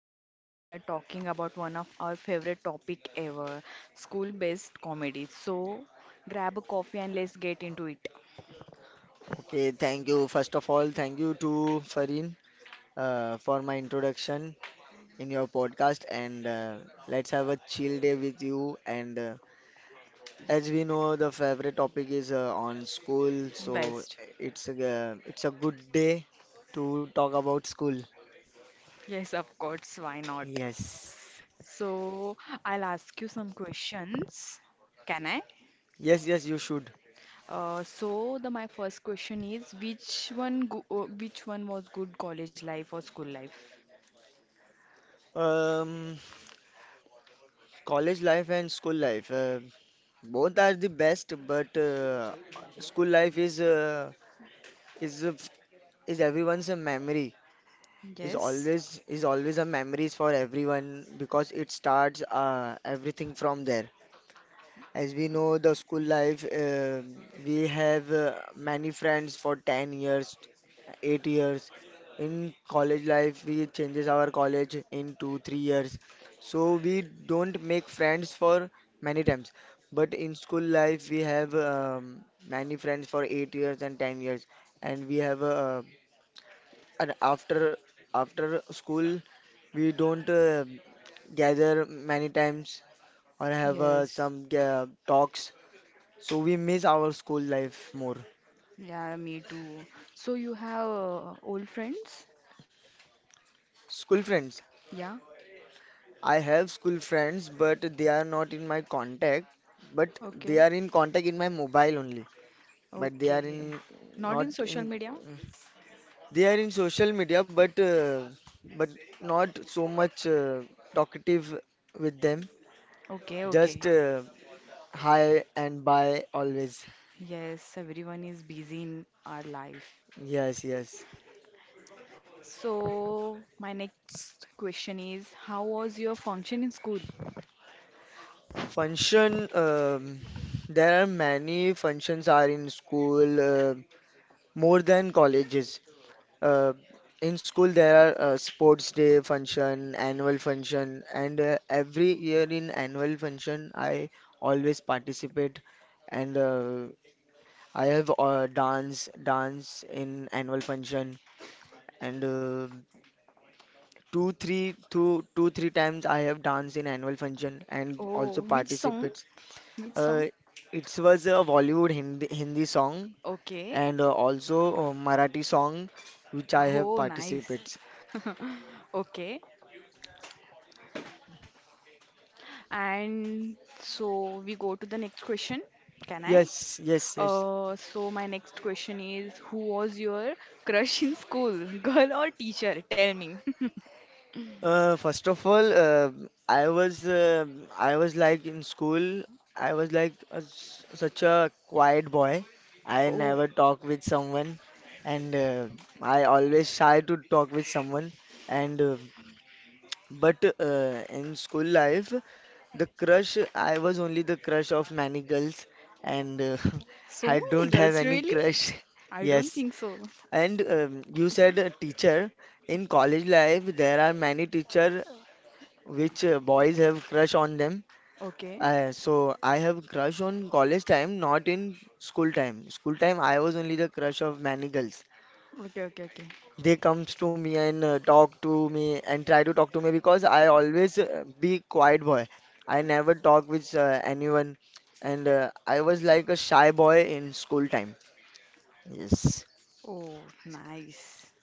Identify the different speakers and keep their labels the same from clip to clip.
Speaker 1: Farin. Today we are talking about one of our favorite topic ever, school-based comedy. So grab a coffee and let's get into it.
Speaker 2: Okay, thank you. First of all, thank you to Farin for my introduction in your podcast, and let's have a chill day with you. And as we know, the favorite topic is on school, so
Speaker 1: Best.
Speaker 2: it's a good day to talk about school.
Speaker 1: Yes, of course, why not?
Speaker 2: Yes,
Speaker 1: So I'll ask you some questions. Can I?
Speaker 2: yes, yes, you should.
Speaker 1: So the my first question is which one was good college life or school life?
Speaker 2: Um, college life and school life both are the best, but school life is is a- is everyone's a memory, is
Speaker 1: Yes.
Speaker 2: always is always a memories for everyone because it starts everything from there. As we know, the school life, we have many friends for 10 years, 8 years. In college life, we changes our college in 2, 3 years. So we don't make friends for many times. But in school life, we have many friends for 8 years and 10 years. And we have a and after after school, we don't gather many times or have
Speaker 1: Yes.
Speaker 2: some talks. So we miss our school life more.
Speaker 1: Yeah, me too. So you have old friends?
Speaker 2: School friends.
Speaker 1: Yeah.
Speaker 2: I have school friends, but they are not in my contact. But they
Speaker 1: Okay.
Speaker 2: are in contact in my mobile only. But they are
Speaker 1: Okay.
Speaker 2: in
Speaker 1: Not
Speaker 2: not
Speaker 1: in social
Speaker 2: in.
Speaker 1: media?
Speaker 2: They are in social media, but but not so much talkative with them.
Speaker 1: Okay,
Speaker 2: Just
Speaker 1: okay.
Speaker 2: High and by always.
Speaker 1: Yes, everyone is busy in our life.
Speaker 2: Yes, yes.
Speaker 1: So my next question is, how was your function in school?
Speaker 2: Function, there are many functions are in school, more than colleges. Uh, in school, there are sports day function, annual function, and every year in annual function, I always participate, and I have dance in annual function, and two three two two three times I have danced in annual function and
Speaker 1: Oh,
Speaker 2: also
Speaker 1: which song?
Speaker 2: participates.
Speaker 1: Which
Speaker 2: Uh,
Speaker 1: song?
Speaker 2: it was a Bollywood Hindi song
Speaker 1: Okay.
Speaker 2: and also a Marathi song which I have
Speaker 1: Oh, nice.
Speaker 2: participates.
Speaker 1: Okay. And so we go to the next question. Can I?
Speaker 2: Yes, yes, yes.
Speaker 1: So my next question is, who was your crush in school, girl or teacher? Tell me.
Speaker 2: First of all, I was uh, I was like in school. I was like a s such a quiet boy. I
Speaker 1: Oh,
Speaker 2: never talk with someone, and I always shy to talk with someone. And But in school life, the crush, I was only the crush of many girls, and
Speaker 1: so
Speaker 2: I
Speaker 1: many
Speaker 2: don't have
Speaker 1: girls,
Speaker 2: any
Speaker 1: really?
Speaker 2: crush.
Speaker 1: I don't
Speaker 2: Yes.
Speaker 1: think so.
Speaker 2: And you said a teacher. In college life, there are many teacher which boys have crush on them.
Speaker 1: Okay,
Speaker 2: So I have crush on college time, not in school time. School time, I was only the crush of many girls.
Speaker 1: okay, okay, okay.
Speaker 2: They comes to me and talk to me and try to talk to me because I always be quiet boy. I never talk with anyone, and I was like a shy boy in school time. Yes,
Speaker 1: Oh, nice.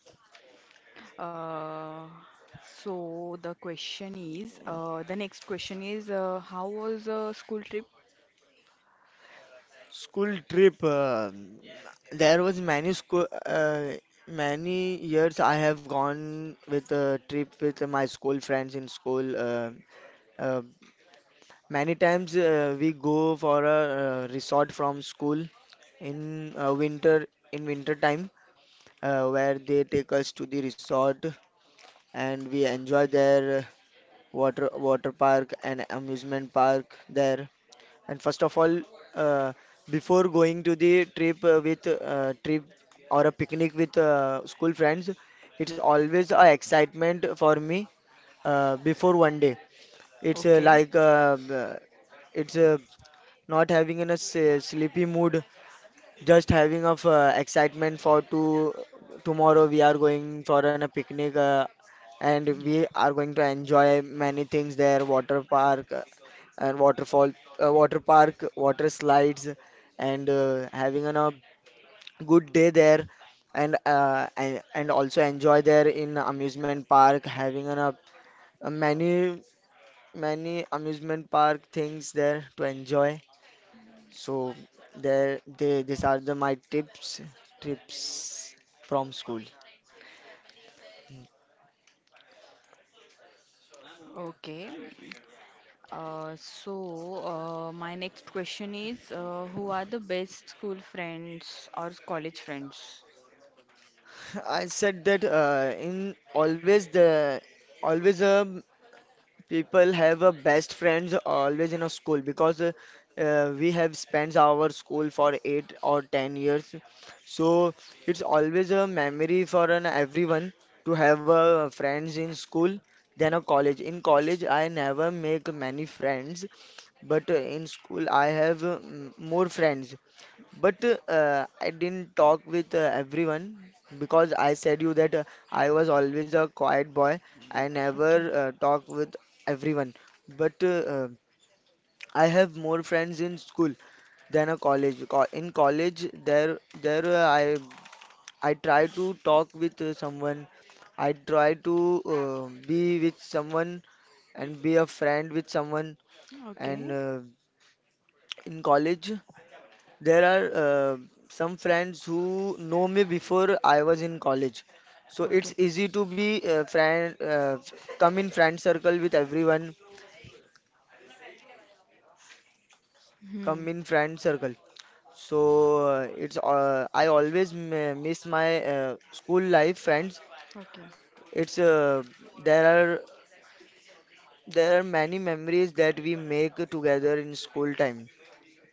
Speaker 1: Uh, so the next question is, how was school trip?
Speaker 2: school trip. There was many school, many years I have gone with a trip with my school friends in school. Uh, many times we go for a resort from school in winter time, where they take us to the resort and we enjoy their water park and amusement park there. And first of all, uh, before going to the trip with trip or a picnic with school friends, it's always a excitement for me before one day. It's
Speaker 1: Okay,
Speaker 2: like b- it's not having in a sleepy mood, just having of excitement for to tomorrow we are going for an, a picnic, and we are going to enjoy many things there, water park and waterfall, water park, water slides, and having an, a good day there, and also enjoy there in amusement park, having an, a many amusement park things there to enjoy. So these are the my tips, tips from school.
Speaker 1: okay. So my next question is, who are the best school friends or college friends?
Speaker 2: I said that in always the always a people have a best friends always in a school because we have spent our school for 8 or 10 years, so it's always a memory for an everyone to have friends in school than a college. In college, I never make many friends, but in school, I have more friends. But I didn't talk with everyone, because I said you that I was always a quiet boy. I never
Speaker 1: Okay,
Speaker 2: talk with everyone. But I have more friends in school than a college. In college, there I try to talk with someone. I try to be with someone and be a friend with someone. And
Speaker 1: okay,
Speaker 2: in college, there are some friends who know me before I was in college. So it's
Speaker 1: okay.
Speaker 2: easy to be friend, come in friend circle with everyone,
Speaker 1: Hmm.
Speaker 2: come in friend circle. So it's I always m miss my school life friends.
Speaker 1: Okay,
Speaker 2: It's there are there are many memories that we make together in school time.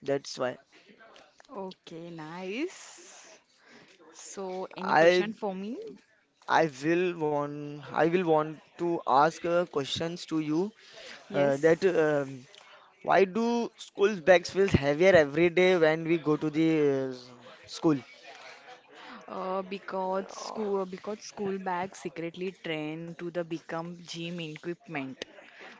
Speaker 2: That's why.
Speaker 1: okay, nice. So, any
Speaker 2: I
Speaker 1: question for me?
Speaker 2: I will want to ask questions to you.
Speaker 1: Yes.
Speaker 2: That why do school bags feel heavier every day when we go to the school?
Speaker 1: Because school bags secretly train to the become gym equipment.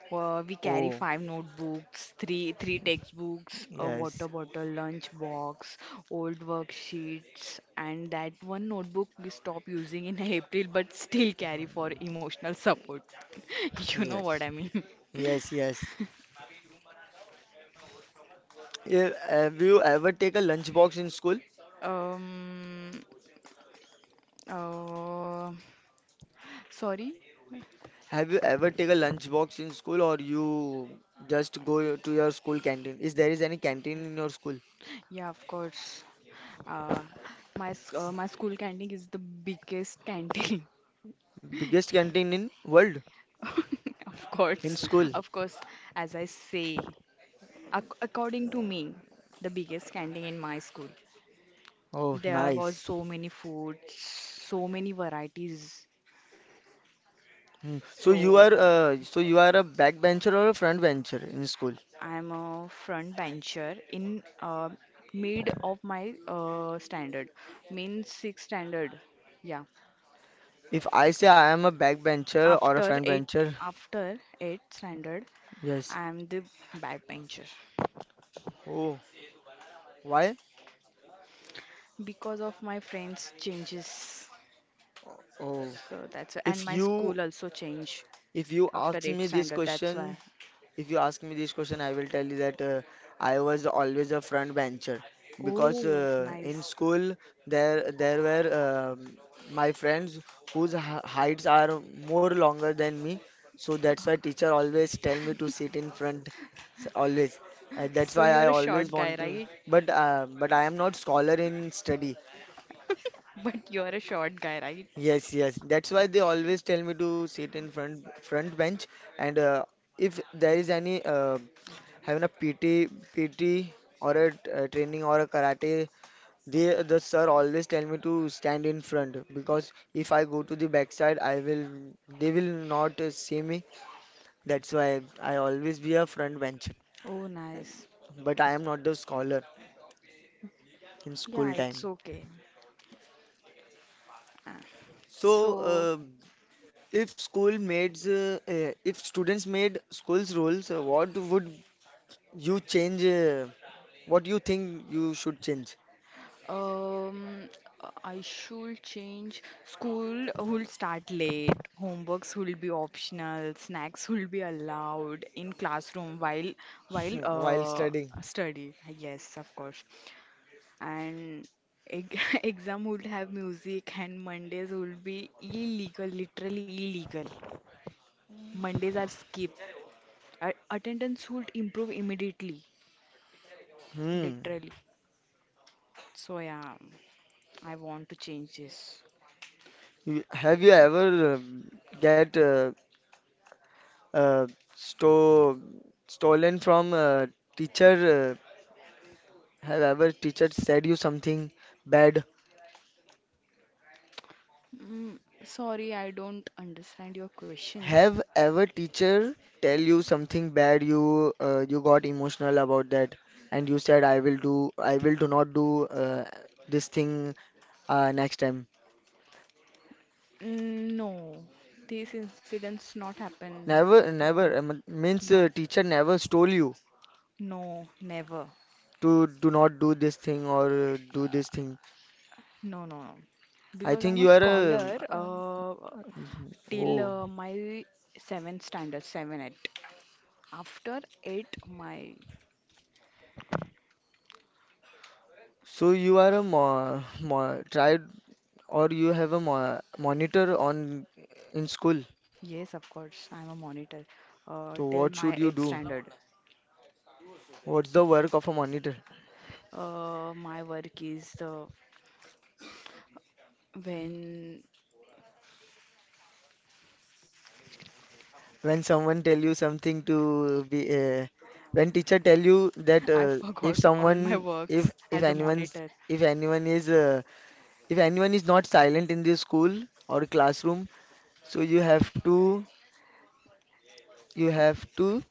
Speaker 1: Well, we carry
Speaker 2: Oh,
Speaker 1: five notebooks, three textbooks, a
Speaker 2: yes,
Speaker 1: water bottle, lunch box, old worksheets, and that one notebook we stopped using in April, but still carry for emotional support. You know what
Speaker 2: yes,
Speaker 1: I mean?
Speaker 2: yes, yes. Yeah, have you ever take a lunchbox in school?
Speaker 1: Um, uh, Sorry.
Speaker 2: Have you ever take a lunchbox in school, or you just go to your school canteen? Is there is any canteen in your school?
Speaker 1: Yeah, of course. Uh, my school canteen is the biggest canteen.
Speaker 2: Biggest canteen in world
Speaker 1: Of course,
Speaker 2: in school.
Speaker 1: of course, as I say. According to me, the biggest canteen in my school,
Speaker 2: Oh,
Speaker 1: there was
Speaker 2: nice.
Speaker 1: so many food, so many varieties.
Speaker 2: Hmm. So you
Speaker 1: So
Speaker 2: are a backbencher or a front bencher in school?
Speaker 1: I'm a front bencher in mid of my standard, means sixth standard. Yeah,
Speaker 2: If I say I am a backbencher or a front bencher,
Speaker 1: after eight standard,
Speaker 2: yes.
Speaker 1: I'm the back bencher
Speaker 2: Oh, why?
Speaker 1: because of my friends' changes.
Speaker 2: Oh,
Speaker 1: So that's why, and
Speaker 2: if
Speaker 1: my school
Speaker 2: you
Speaker 1: also changed
Speaker 2: if you
Speaker 1: after
Speaker 2: ask
Speaker 1: eight
Speaker 2: me this
Speaker 1: standard. That's
Speaker 2: question
Speaker 1: why.
Speaker 2: If you ask me this question, I will tell you that I was always a front bencher, because
Speaker 1: Oh,
Speaker 2: in
Speaker 1: nice.
Speaker 2: school there were my friends whose heights are more longer than me, so that's why teacher always tell me to sit in front always. That's
Speaker 1: So
Speaker 2: why
Speaker 1: you
Speaker 2: I
Speaker 1: are a
Speaker 2: always
Speaker 1: short guy,
Speaker 2: want to,
Speaker 1: right?
Speaker 2: but I am not scholar in study.
Speaker 1: But you are a short guy, right?
Speaker 2: Yes, yes. That's why they always tell me to sit in front front bench and if there is any having a PT or a, training or a karate, the sir always tell me to stand in front, because if I go to the backside, I will they will not see me. That's why I always be a front bencher.
Speaker 1: Oh, nice.
Speaker 2: But I am not the scholar in school
Speaker 1: Yeah, it's
Speaker 2: time.
Speaker 1: okay. Uh,
Speaker 2: So,
Speaker 1: So,
Speaker 2: if students made school's rules, what would you change? What you think you should change
Speaker 1: um, I should change. School will start late. Homeworks will be optional. Snacks will be allowed in classroom while while
Speaker 2: while
Speaker 1: uh
Speaker 2: studying?
Speaker 1: study. Yes, of course. And eg- exam would have music, and Mondays would be illegal, literally illegal. Mondays are skipped. Attendance would improve immediately,
Speaker 2: Hmm.
Speaker 1: literally. So yeah, I want to change this.
Speaker 2: Have you ever get uh, sto stolen from a teacher? Have ever teacher said you something bad?
Speaker 1: Sorry, I don't understand your question.
Speaker 2: Have ever teacher tell you something bad? You got emotional about that, and you said I will do not do this thing next time.
Speaker 1: No, these incidents not happen.
Speaker 2: Never
Speaker 1: Mm,
Speaker 2: never means
Speaker 1: No,
Speaker 2: teacher never stole you
Speaker 1: no, never.
Speaker 2: to do not do this thing or do this thing.
Speaker 1: No, no, no.
Speaker 2: I
Speaker 1: Because
Speaker 2: think
Speaker 1: I'm a
Speaker 2: you are a
Speaker 1: scholar
Speaker 2: Mhm.
Speaker 1: till
Speaker 2: Oh,
Speaker 1: my seventh standard, 7, 8. After eight, my
Speaker 2: so you are a mo mo tried, or you have a mo monitor on in school.
Speaker 1: Yes, of course, I'm a monitor.
Speaker 2: So
Speaker 1: Till
Speaker 2: what should
Speaker 1: my
Speaker 2: you
Speaker 1: eighth
Speaker 2: do?
Speaker 1: standard.
Speaker 2: What's the work of a monitor?
Speaker 1: My work is the when
Speaker 2: When someone tell you something to be when teacher tell you that
Speaker 1: I
Speaker 2: if
Speaker 1: forgot all my
Speaker 2: someone
Speaker 1: works
Speaker 2: if
Speaker 1: as a
Speaker 2: anyone's
Speaker 1: monitor.
Speaker 2: if anyone is uh, if anyone is not silent in the school or classroom, so you have to you have to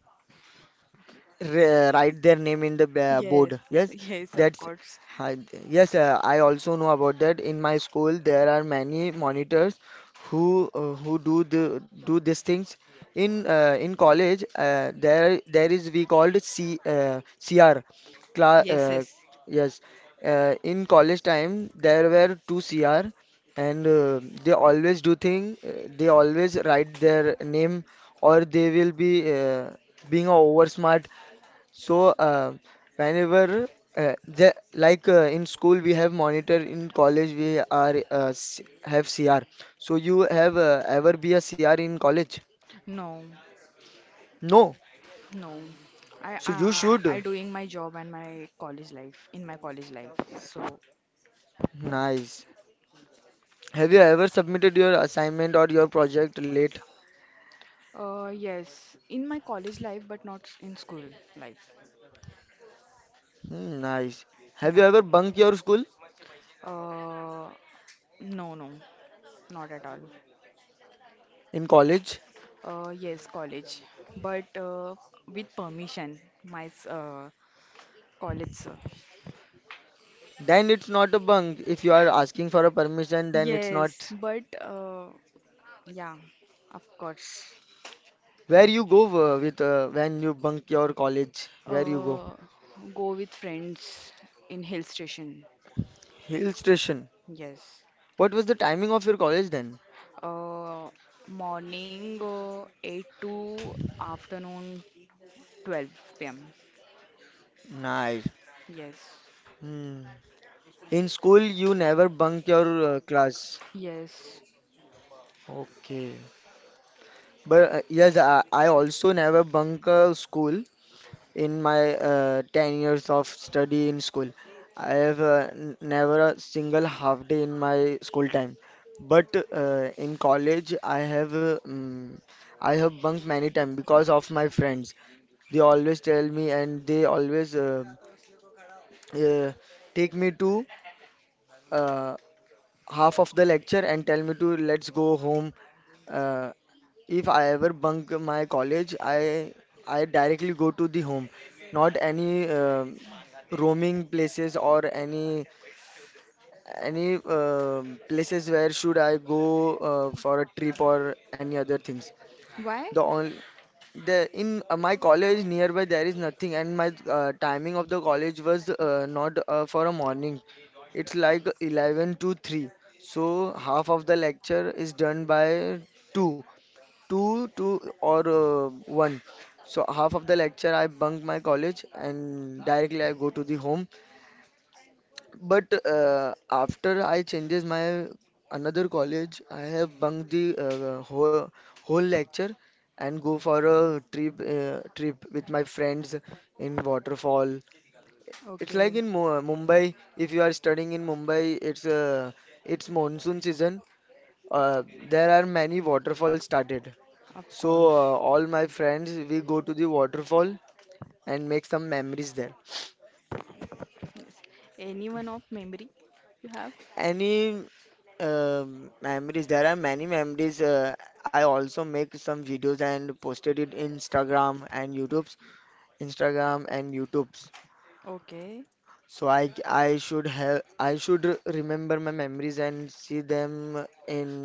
Speaker 2: write their name in the
Speaker 1: Yes,
Speaker 2: board. Yes,
Speaker 1: yes, of
Speaker 2: that's
Speaker 1: course.
Speaker 2: hi- yes. I also know about that. In my school, there are many monitors who do these things. In college, there is we called C CR class.
Speaker 1: Yes, yes.
Speaker 2: Yes, in college time there were two CR, and they always do thing. They always write their name, or they will be. Being a over so, whenever, the, like in school we have monitor, in college we are have CR. So you have ever be a CR in college?
Speaker 1: No,
Speaker 2: No.
Speaker 1: no. I
Speaker 2: So you
Speaker 1: uh,
Speaker 2: should.
Speaker 1: I doing my job and my college life in my college life. So,
Speaker 2: Nice. Have you ever submitted your assignment or your project late?
Speaker 1: yes, in my college life, but not in school life.
Speaker 2: Hmm, nice. Have
Speaker 1: Yeah.
Speaker 2: you ever bunked your school
Speaker 1: Uh, no, no, not at all.
Speaker 2: in college?
Speaker 1: Yes, college, but with permission. My college,
Speaker 2: Then it's not a bunk. If you are asking for a permission, then it's
Speaker 1: Yes,
Speaker 2: not.
Speaker 1: but yeah, of course.
Speaker 2: Where you go with when you bunk your college? Where you go?
Speaker 1: Uh, Go with friends in hill station.
Speaker 2: Hill station.
Speaker 1: Yes.
Speaker 2: What was the timing of your college then?
Speaker 1: Uh, Morning 8 to afternoon 12 p.m.
Speaker 2: Nice.
Speaker 1: Yes.
Speaker 2: Hmm. In school, you never bunk your class.
Speaker 1: Yes.
Speaker 2: Okay. But yes, I also never bunk school in my 10 years of study in school. I have never a single half day in my school time. But in college, I have I have bunked many times because of my friends. They always tell me, and they always uh, take me to uh, half of the lecture and tell me to let's go home. Uh, if I ever bunk my college, I directly go to the home, not any roaming places or any places where should I go for a trip or any other things.
Speaker 1: Why?
Speaker 2: The only the in my college nearby there is nothing, and my timing of the college was not for a morning. It's like 11 to 3. So half of the lecture is done by 2, 2 or 1. So half of the lecture I bunk my college and directly I go to the home, but after I changes my another college, I have bunked the whole lecture and go for a trip with my friends in waterfall. It's like
Speaker 1: Okay,
Speaker 2: in Mu Mumbai. If you are studying in Mumbai, it's monsoon season. Uh, there are many waterfalls started.
Speaker 1: of
Speaker 2: So
Speaker 1: course.
Speaker 2: uh, all my friends we go to the waterfall and make some memories there.
Speaker 1: Yes. Anyone of memory you have?
Speaker 2: Any memories? There are many memories. I also make some videos and posted it in Instagram and YouTube's.
Speaker 1: Okay.
Speaker 2: So I should remember my memories and see them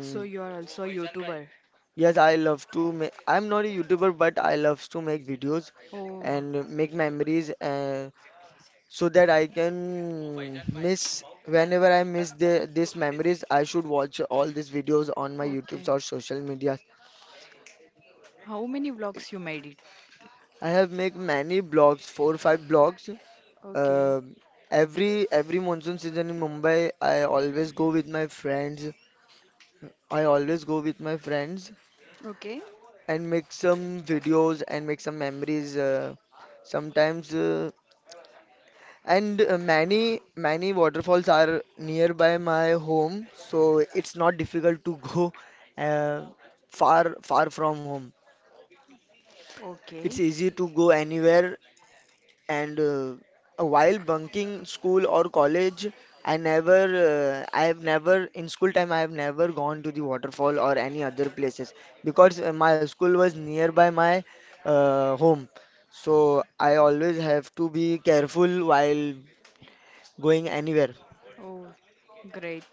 Speaker 1: So you are also a YouTuber.
Speaker 2: Yes, I love to make. I'm not a YouTuber, but I love to make videos
Speaker 1: Oh,
Speaker 2: and make memories. So that I can miss whenever I miss these memories, I should watch all these videos on my
Speaker 1: okay.
Speaker 2: YouTube or social media.
Speaker 1: How many vlogs you made it?
Speaker 2: I have made many blogs, four five blogs.
Speaker 1: Okay.
Speaker 2: Um every monsoon season in Mumbai, I always go with my friends. I always go with my friends
Speaker 1: Okay.
Speaker 2: and make some videos and make some memories. Sometimes. And many waterfalls are nearby my home, so it's not difficult to go uh, far from home. It's
Speaker 1: Okay.
Speaker 2: easy to go anywhere. And while bunking school or college, I never I have never in school time I have never gone to the waterfall or any other places because my school was nearby my home. So I always have to be careful while going anywhere.
Speaker 1: Oh, great.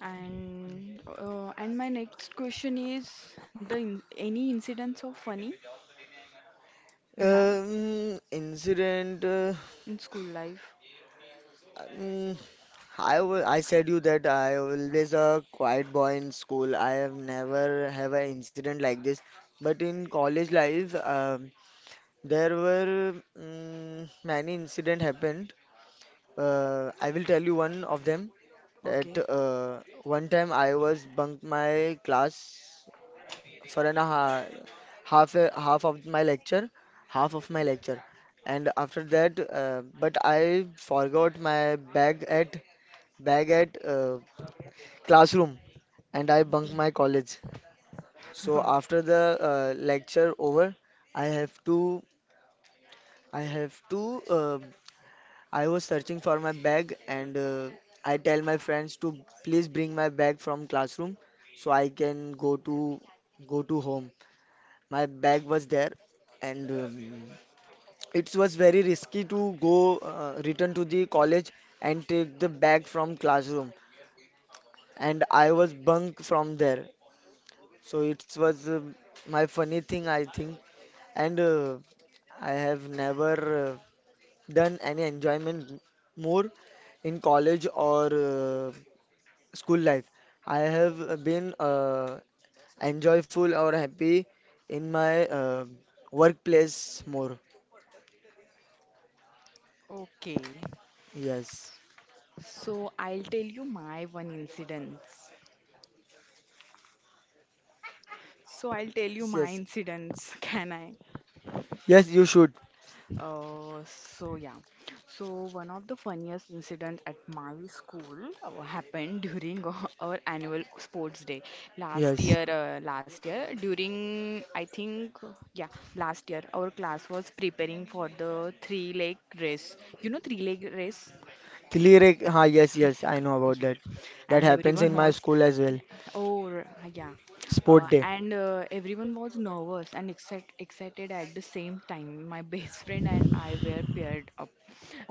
Speaker 1: And my next question is the in any incidents of funny you have
Speaker 2: Incident.
Speaker 1: in school life?
Speaker 2: Um, I said you that I always a quiet boy in school. I have never have an incident like this. But in college life, there were many incident happened. I will tell you one of them. That
Speaker 1: Okay.
Speaker 2: uh, one time I was bunk my class for an ha half a, half of my lecture, half of my lecture, and after that, but I forgot my bag at classroom, and I bunked
Speaker 1: Okay.
Speaker 2: my college. So after the lecture over, I have to I have to I was searching for my bag, and I tell my friends to please bring my bag from classroom so I can go to home. My bag was there, and it was very risky to go return to the college and take the bag from classroom, and I was bunk from there. So it was my funny thing, I think. And I have never uh, done any enjoyment more in college or school life. I have been enjoyful or happy in my workplace more.
Speaker 1: Okay,
Speaker 2: Yes.
Speaker 1: so I'll tell you my one incidents. So I'll tell you
Speaker 2: Yes,
Speaker 1: my
Speaker 2: yes,
Speaker 1: incidents. Can I?
Speaker 2: yes, you should.
Speaker 1: So yeah, so one of the funniest incident at my school happened during our annual sports day last
Speaker 2: Yes,
Speaker 1: year. Last year during I think yeah Last year our class was preparing for the three leg race. You know three leg race?
Speaker 2: Tilirek. Ha, yes, yes, I
Speaker 1: Yeah,
Speaker 2: know about
Speaker 1: yeah.
Speaker 2: that. That
Speaker 1: And
Speaker 2: happens in
Speaker 1: everyone
Speaker 2: my
Speaker 1: was,
Speaker 2: school as well.
Speaker 1: yeah. Oh, yeah.
Speaker 2: Sport day.
Speaker 1: And Everyone was nervous and excited at the same time. My best friend and I were paired up,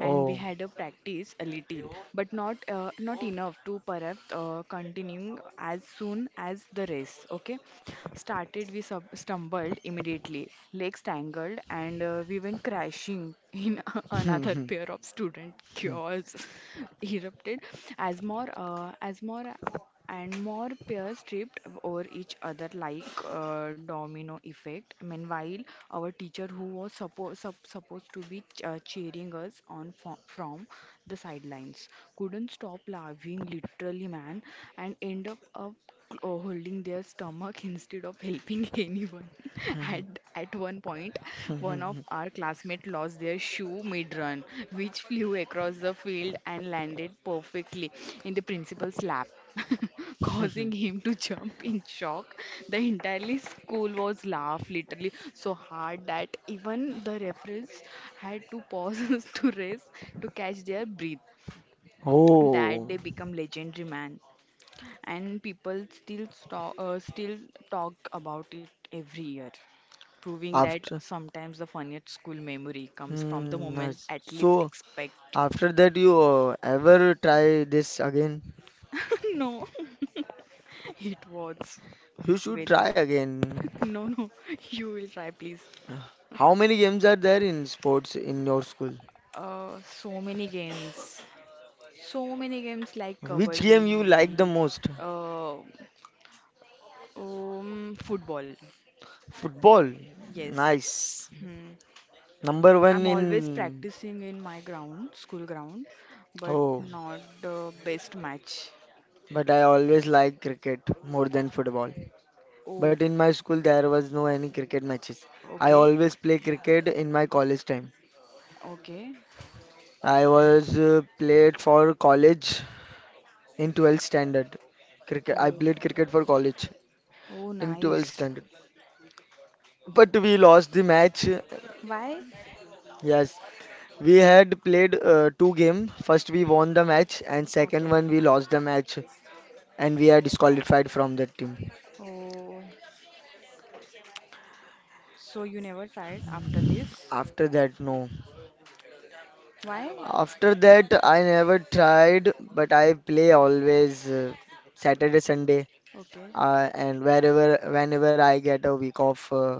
Speaker 1: and we had a practice a little, but not enough to perhaps continue as soon as the race. Okay, started we sub stumbled immediately, legs tangled, and we went crashing in another pair of student. Chaos erupted as more and more pairs tripped over each other like domino effect. Meanwhile, our teacher, who was supposed to be cheering us on from the sidelines, couldn't stop laughing, literally, man, and end up or holding their stomach instead of helping anyone. At one point, one of our classmates lost their shoe mid run, which flew across the field and landed perfectly in the principal's lap. Causing him to jump in shock, the entire school was laughed literally so hard that even the referees had to pause to rest to catch their breath. That
Speaker 2: Oh,
Speaker 1: day become legendary, man, and people still talk about it every year, proving that
Speaker 2: after.
Speaker 1: sometimes the funniest school memory comes from the
Speaker 2: Hmm,
Speaker 1: moment
Speaker 2: nice.
Speaker 1: athletes
Speaker 2: So
Speaker 1: expect.
Speaker 2: after that, you ever try this again?
Speaker 1: No. It was
Speaker 2: You should
Speaker 1: very
Speaker 2: try
Speaker 1: hard.
Speaker 2: again.
Speaker 1: No, no, you will try, please.
Speaker 2: How many games are there in sports in your school?
Speaker 1: uh, so many games so many games like
Speaker 2: Which game you like the
Speaker 1: kabaddi.
Speaker 2: most?
Speaker 1: uh, Football.
Speaker 2: Football.
Speaker 1: Yes.
Speaker 2: Nice.
Speaker 1: Hmm.
Speaker 2: Number
Speaker 1: I'm
Speaker 2: one
Speaker 1: always
Speaker 2: in.
Speaker 1: practicing in my ground, school ground, but
Speaker 2: Oh,
Speaker 1: not the best match.
Speaker 2: but I always liked cricket more than football. But
Speaker 1: Oh,
Speaker 2: in my school there was no any cricket matches. I
Speaker 1: okay,
Speaker 2: always play cricket in my college time.
Speaker 1: okay.
Speaker 2: I
Speaker 1: And-
Speaker 2: was played for college in 12th standard. Cricket I
Speaker 1: Oh,
Speaker 2: played cricket for college
Speaker 1: oh,
Speaker 2: in 12th
Speaker 1: nice.
Speaker 2: standard. But we lost the match.
Speaker 1: Why?
Speaker 2: Yes, we had played two game. First we won the match and second
Speaker 1: Okay.
Speaker 2: one we lost the match, and we are disqualified from that team.
Speaker 1: Oh, so you never tried after this?
Speaker 2: After that no.
Speaker 1: Why?
Speaker 2: After that, I never tried, but I play always Saturday, Sunday,
Speaker 1: Okay.
Speaker 2: and whenever I get a week off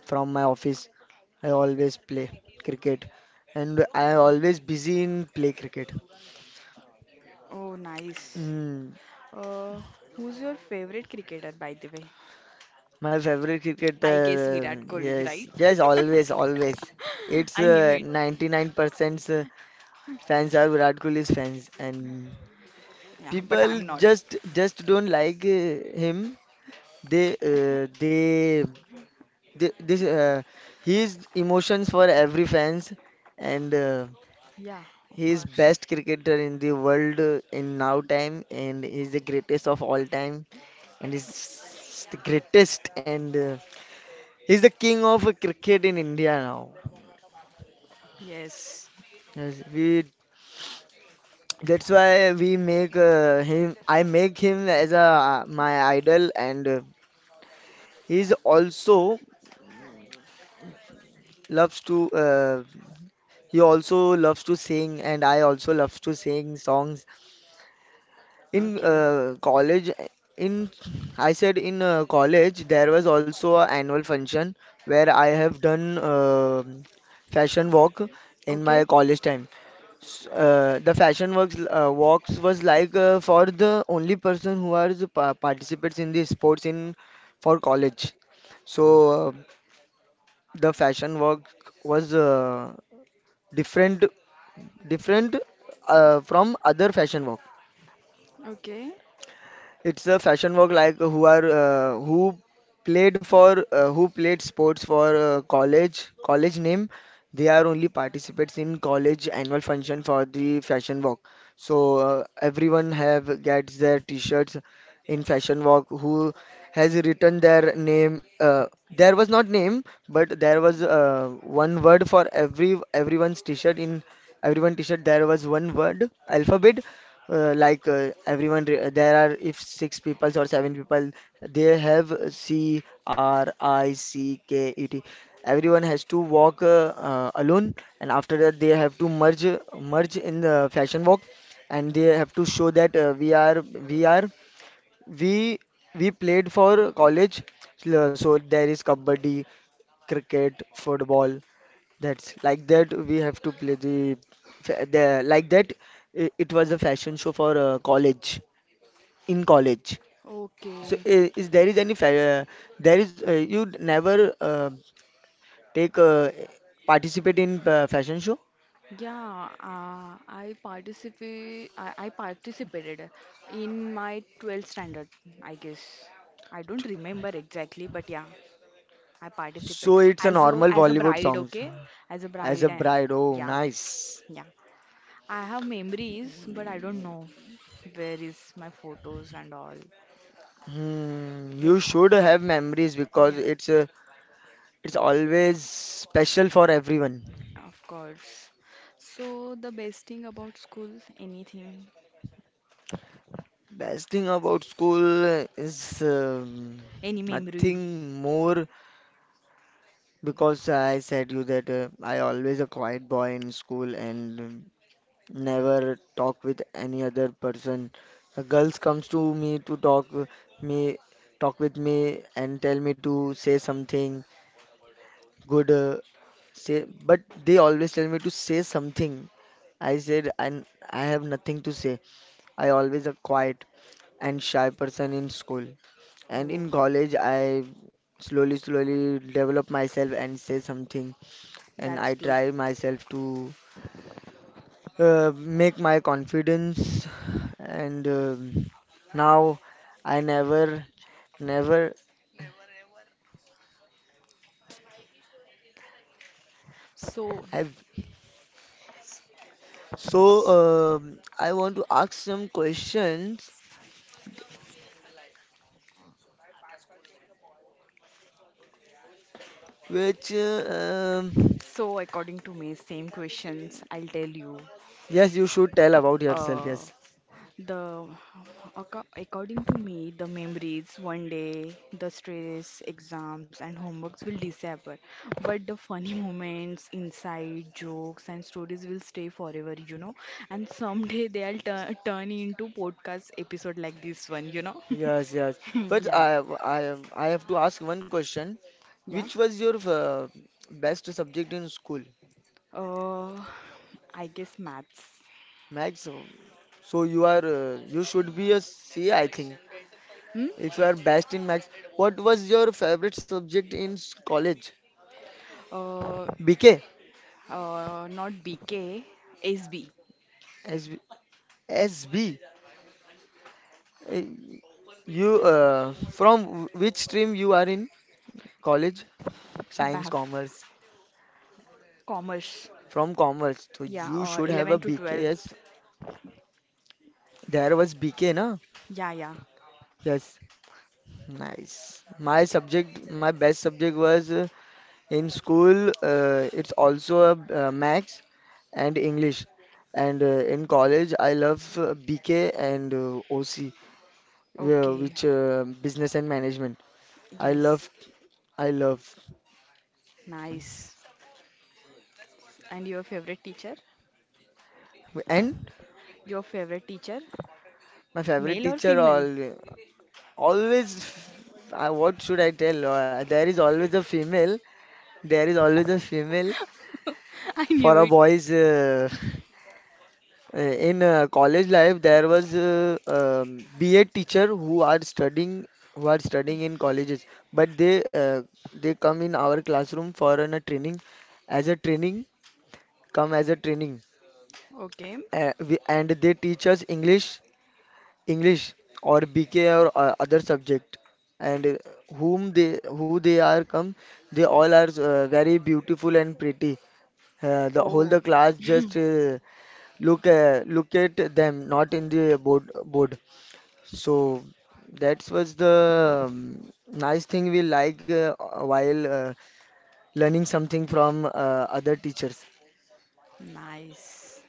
Speaker 2: from my office, I always play cricket, and I am always busy in play cricket.
Speaker 1: Oh, nice.
Speaker 2: Mm,
Speaker 1: Uh, Who's your favorite cricketer, by the way?
Speaker 2: my favorite
Speaker 1: I
Speaker 2: cricketer,
Speaker 1: guess Virat Kohli,
Speaker 2: yes,
Speaker 1: right?
Speaker 2: yes, always, always. It's
Speaker 1: I knew it.
Speaker 2: 99% percent fans are Virat Kohli's fans, and
Speaker 1: Yeah, but
Speaker 2: people
Speaker 1: I'm not.
Speaker 2: just don't like him. They, uh, they, they, this, uh, his emotions for every fans, and
Speaker 1: Yeah, of
Speaker 2: he is
Speaker 1: course.
Speaker 2: best cricketer in the world in now time, and he's the greatest of all time, and he's the greatest, and he's the king of cricket in India now.
Speaker 1: Yes.
Speaker 2: Yes, we that's why we make him. I make him as a my idol, and he's also loves to. He also loves to sing, and I also love to sing songs. In
Speaker 1: Okay,
Speaker 2: college, in I said in college, there was also a annual function where I have done fashion walk in my
Speaker 1: okay,
Speaker 2: college time. S- the fashion works walks was like for the only person who are the pa participates in the sports in for college. So uh, the fashion walk was different different from other fashion work.
Speaker 1: okay,
Speaker 2: It's a fashion work like who played sports for college name, they are only participates in college annual function for the fashion walk. So everyone have gets their t-shirts in fashion walk who has written their name, there was not name, but there was one word for everyone's t-shirt. In everyone t-shirt there was one word alphabet. Like, there are if six people or seven people, they have Cricket. Everyone has to walk alone, and after that they have to merge in the fashion walk, and they have to show that we are we are we we played for college. So there is kabaddi, cricket, football, that's like that we have to play the, fa- the like that. It was a fashion show for college in college. So
Speaker 1: okay.
Speaker 2: I- is there is any fa there is you never take participate in fashion show?
Speaker 1: Yeah, I participate. I participated in my 12th standard, I guess. I don't remember exactly, but yeah, I participate
Speaker 2: So it's a
Speaker 1: as a
Speaker 2: normal
Speaker 1: as a
Speaker 2: Bollywood
Speaker 1: bride.
Speaker 2: songs
Speaker 1: Okay, as a
Speaker 2: as
Speaker 1: bride.
Speaker 2: a bride. Oh,
Speaker 1: Yeah,
Speaker 2: nice.
Speaker 1: yeah. I have memories, but I don't know where is my photos and all.
Speaker 2: Hmm, you
Speaker 1: Ev-
Speaker 2: should have memories because
Speaker 1: Yeah,
Speaker 2: it's always special for everyone.
Speaker 1: of course. So the best thing about school, anything.
Speaker 2: Best thing about school is
Speaker 1: Any memory?
Speaker 2: nothing more because I said you that I always a quiet boy in school and never talk with any other person. The girls comes to me to me talk with me and tell me to say something good say but they always tell me to say something. I said I have nothing to say. I always a quiet and shy person in school. And in
Speaker 1: Oh,
Speaker 2: college, I slowly, slowly develop myself and say something. And I
Speaker 1: that's good.
Speaker 2: try myself to make my confidence. And now I never, never
Speaker 1: So,
Speaker 2: have. So I want to ask some questions which, uh, um,
Speaker 1: so, according to me, same questions. I'll tell you.
Speaker 2: yes, you should tell about yourself.
Speaker 1: Uh,
Speaker 2: Yes,
Speaker 1: the according to me, the memories one day, the stress, exams, and homeworks will disappear, but the funny moments, inside jokes, and stories will stay forever. You know, and someday they'll turn into podcast episode like this one. You know.
Speaker 2: yes, yes. But
Speaker 1: Yeah,
Speaker 2: I have to ask one question.
Speaker 1: yeah.
Speaker 2: Which was your best subject in school?
Speaker 1: Uh, I guess maths.
Speaker 2: Max. So you are you should be a C, I think.
Speaker 1: Hmm?
Speaker 2: If you are best in max, what was your favorite subject in college?
Speaker 1: Uh,
Speaker 2: BK?
Speaker 1: Not BK, SB,
Speaker 2: Uh, You from which stream you are in college? Science,
Speaker 1: BAF,
Speaker 2: commerce.
Speaker 1: Commerce.
Speaker 2: From commerce, so
Speaker 1: Yeah,
Speaker 2: you should have a
Speaker 1: 11 to
Speaker 2: B K.
Speaker 1: 12.
Speaker 2: Yes, there was BK, na?
Speaker 1: Yeah, yeah.
Speaker 2: Yes, nice. My subject, my best subject was in school, it's also maths and English. And in college, I love BK and OC,
Speaker 1: Okay.
Speaker 2: which business and management. I love,
Speaker 1: Yes.
Speaker 2: I love.
Speaker 1: Nice. And your favorite teacher?
Speaker 2: And
Speaker 1: Your favorite teacher?
Speaker 2: my favorite
Speaker 1: Male or
Speaker 2: teacher
Speaker 1: female?
Speaker 2: al always, what should I tell? There is always a female. There is always a female
Speaker 1: I
Speaker 2: for
Speaker 1: knew
Speaker 2: a
Speaker 1: it.
Speaker 2: boy's. In college life, there was BA teacher who are studying in colleges, but they come in our classroom for a training, as a training come as a training
Speaker 1: Okay.
Speaker 2: we, and they teach us English or BK or other subject, and whom they are come, they all are very beautiful and pretty. The whole
Speaker 1: Oh,
Speaker 2: the class just look at them, not in the board. So that was the nice thing we like while learning something from other teachers.
Speaker 1: nice.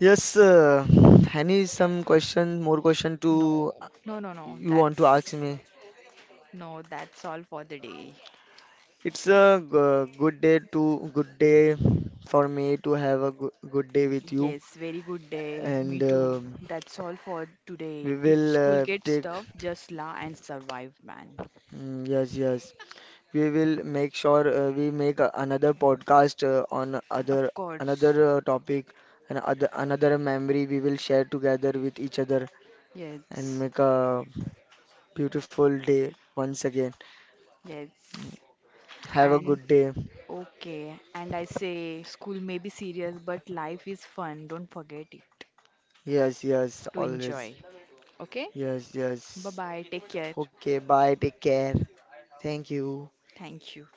Speaker 2: Yes, more question
Speaker 1: No,
Speaker 2: to
Speaker 1: no, no, no.
Speaker 2: you want to ask me?
Speaker 1: That's all for the day.
Speaker 2: It's a good day for me to have a good day with you,
Speaker 1: Yes, very good day. Me
Speaker 2: and
Speaker 1: too. That's all for today.
Speaker 2: we
Speaker 1: If
Speaker 2: will
Speaker 1: school gets
Speaker 2: take.
Speaker 1: tough, just la and survive, man.
Speaker 2: Mm, yes, yes. We will make sure we make another podcast on other
Speaker 1: Of
Speaker 2: another
Speaker 1: course.
Speaker 2: topic, and other another memory we will share together with each other, and
Speaker 1: Yes.
Speaker 2: make a beautiful day once again.
Speaker 1: Yes.
Speaker 2: Have a
Speaker 1: And
Speaker 2: good day.
Speaker 1: okay. And I say school may be serious, but life is fun. Don't forget it
Speaker 2: Yes, yes,
Speaker 1: to
Speaker 2: always.
Speaker 1: enjoy. Okay?
Speaker 2: Yes,
Speaker 1: Bye
Speaker 2: yes.
Speaker 1: bye. Take care.
Speaker 2: Okay, bye. Take care. Thank you.
Speaker 1: Thank you.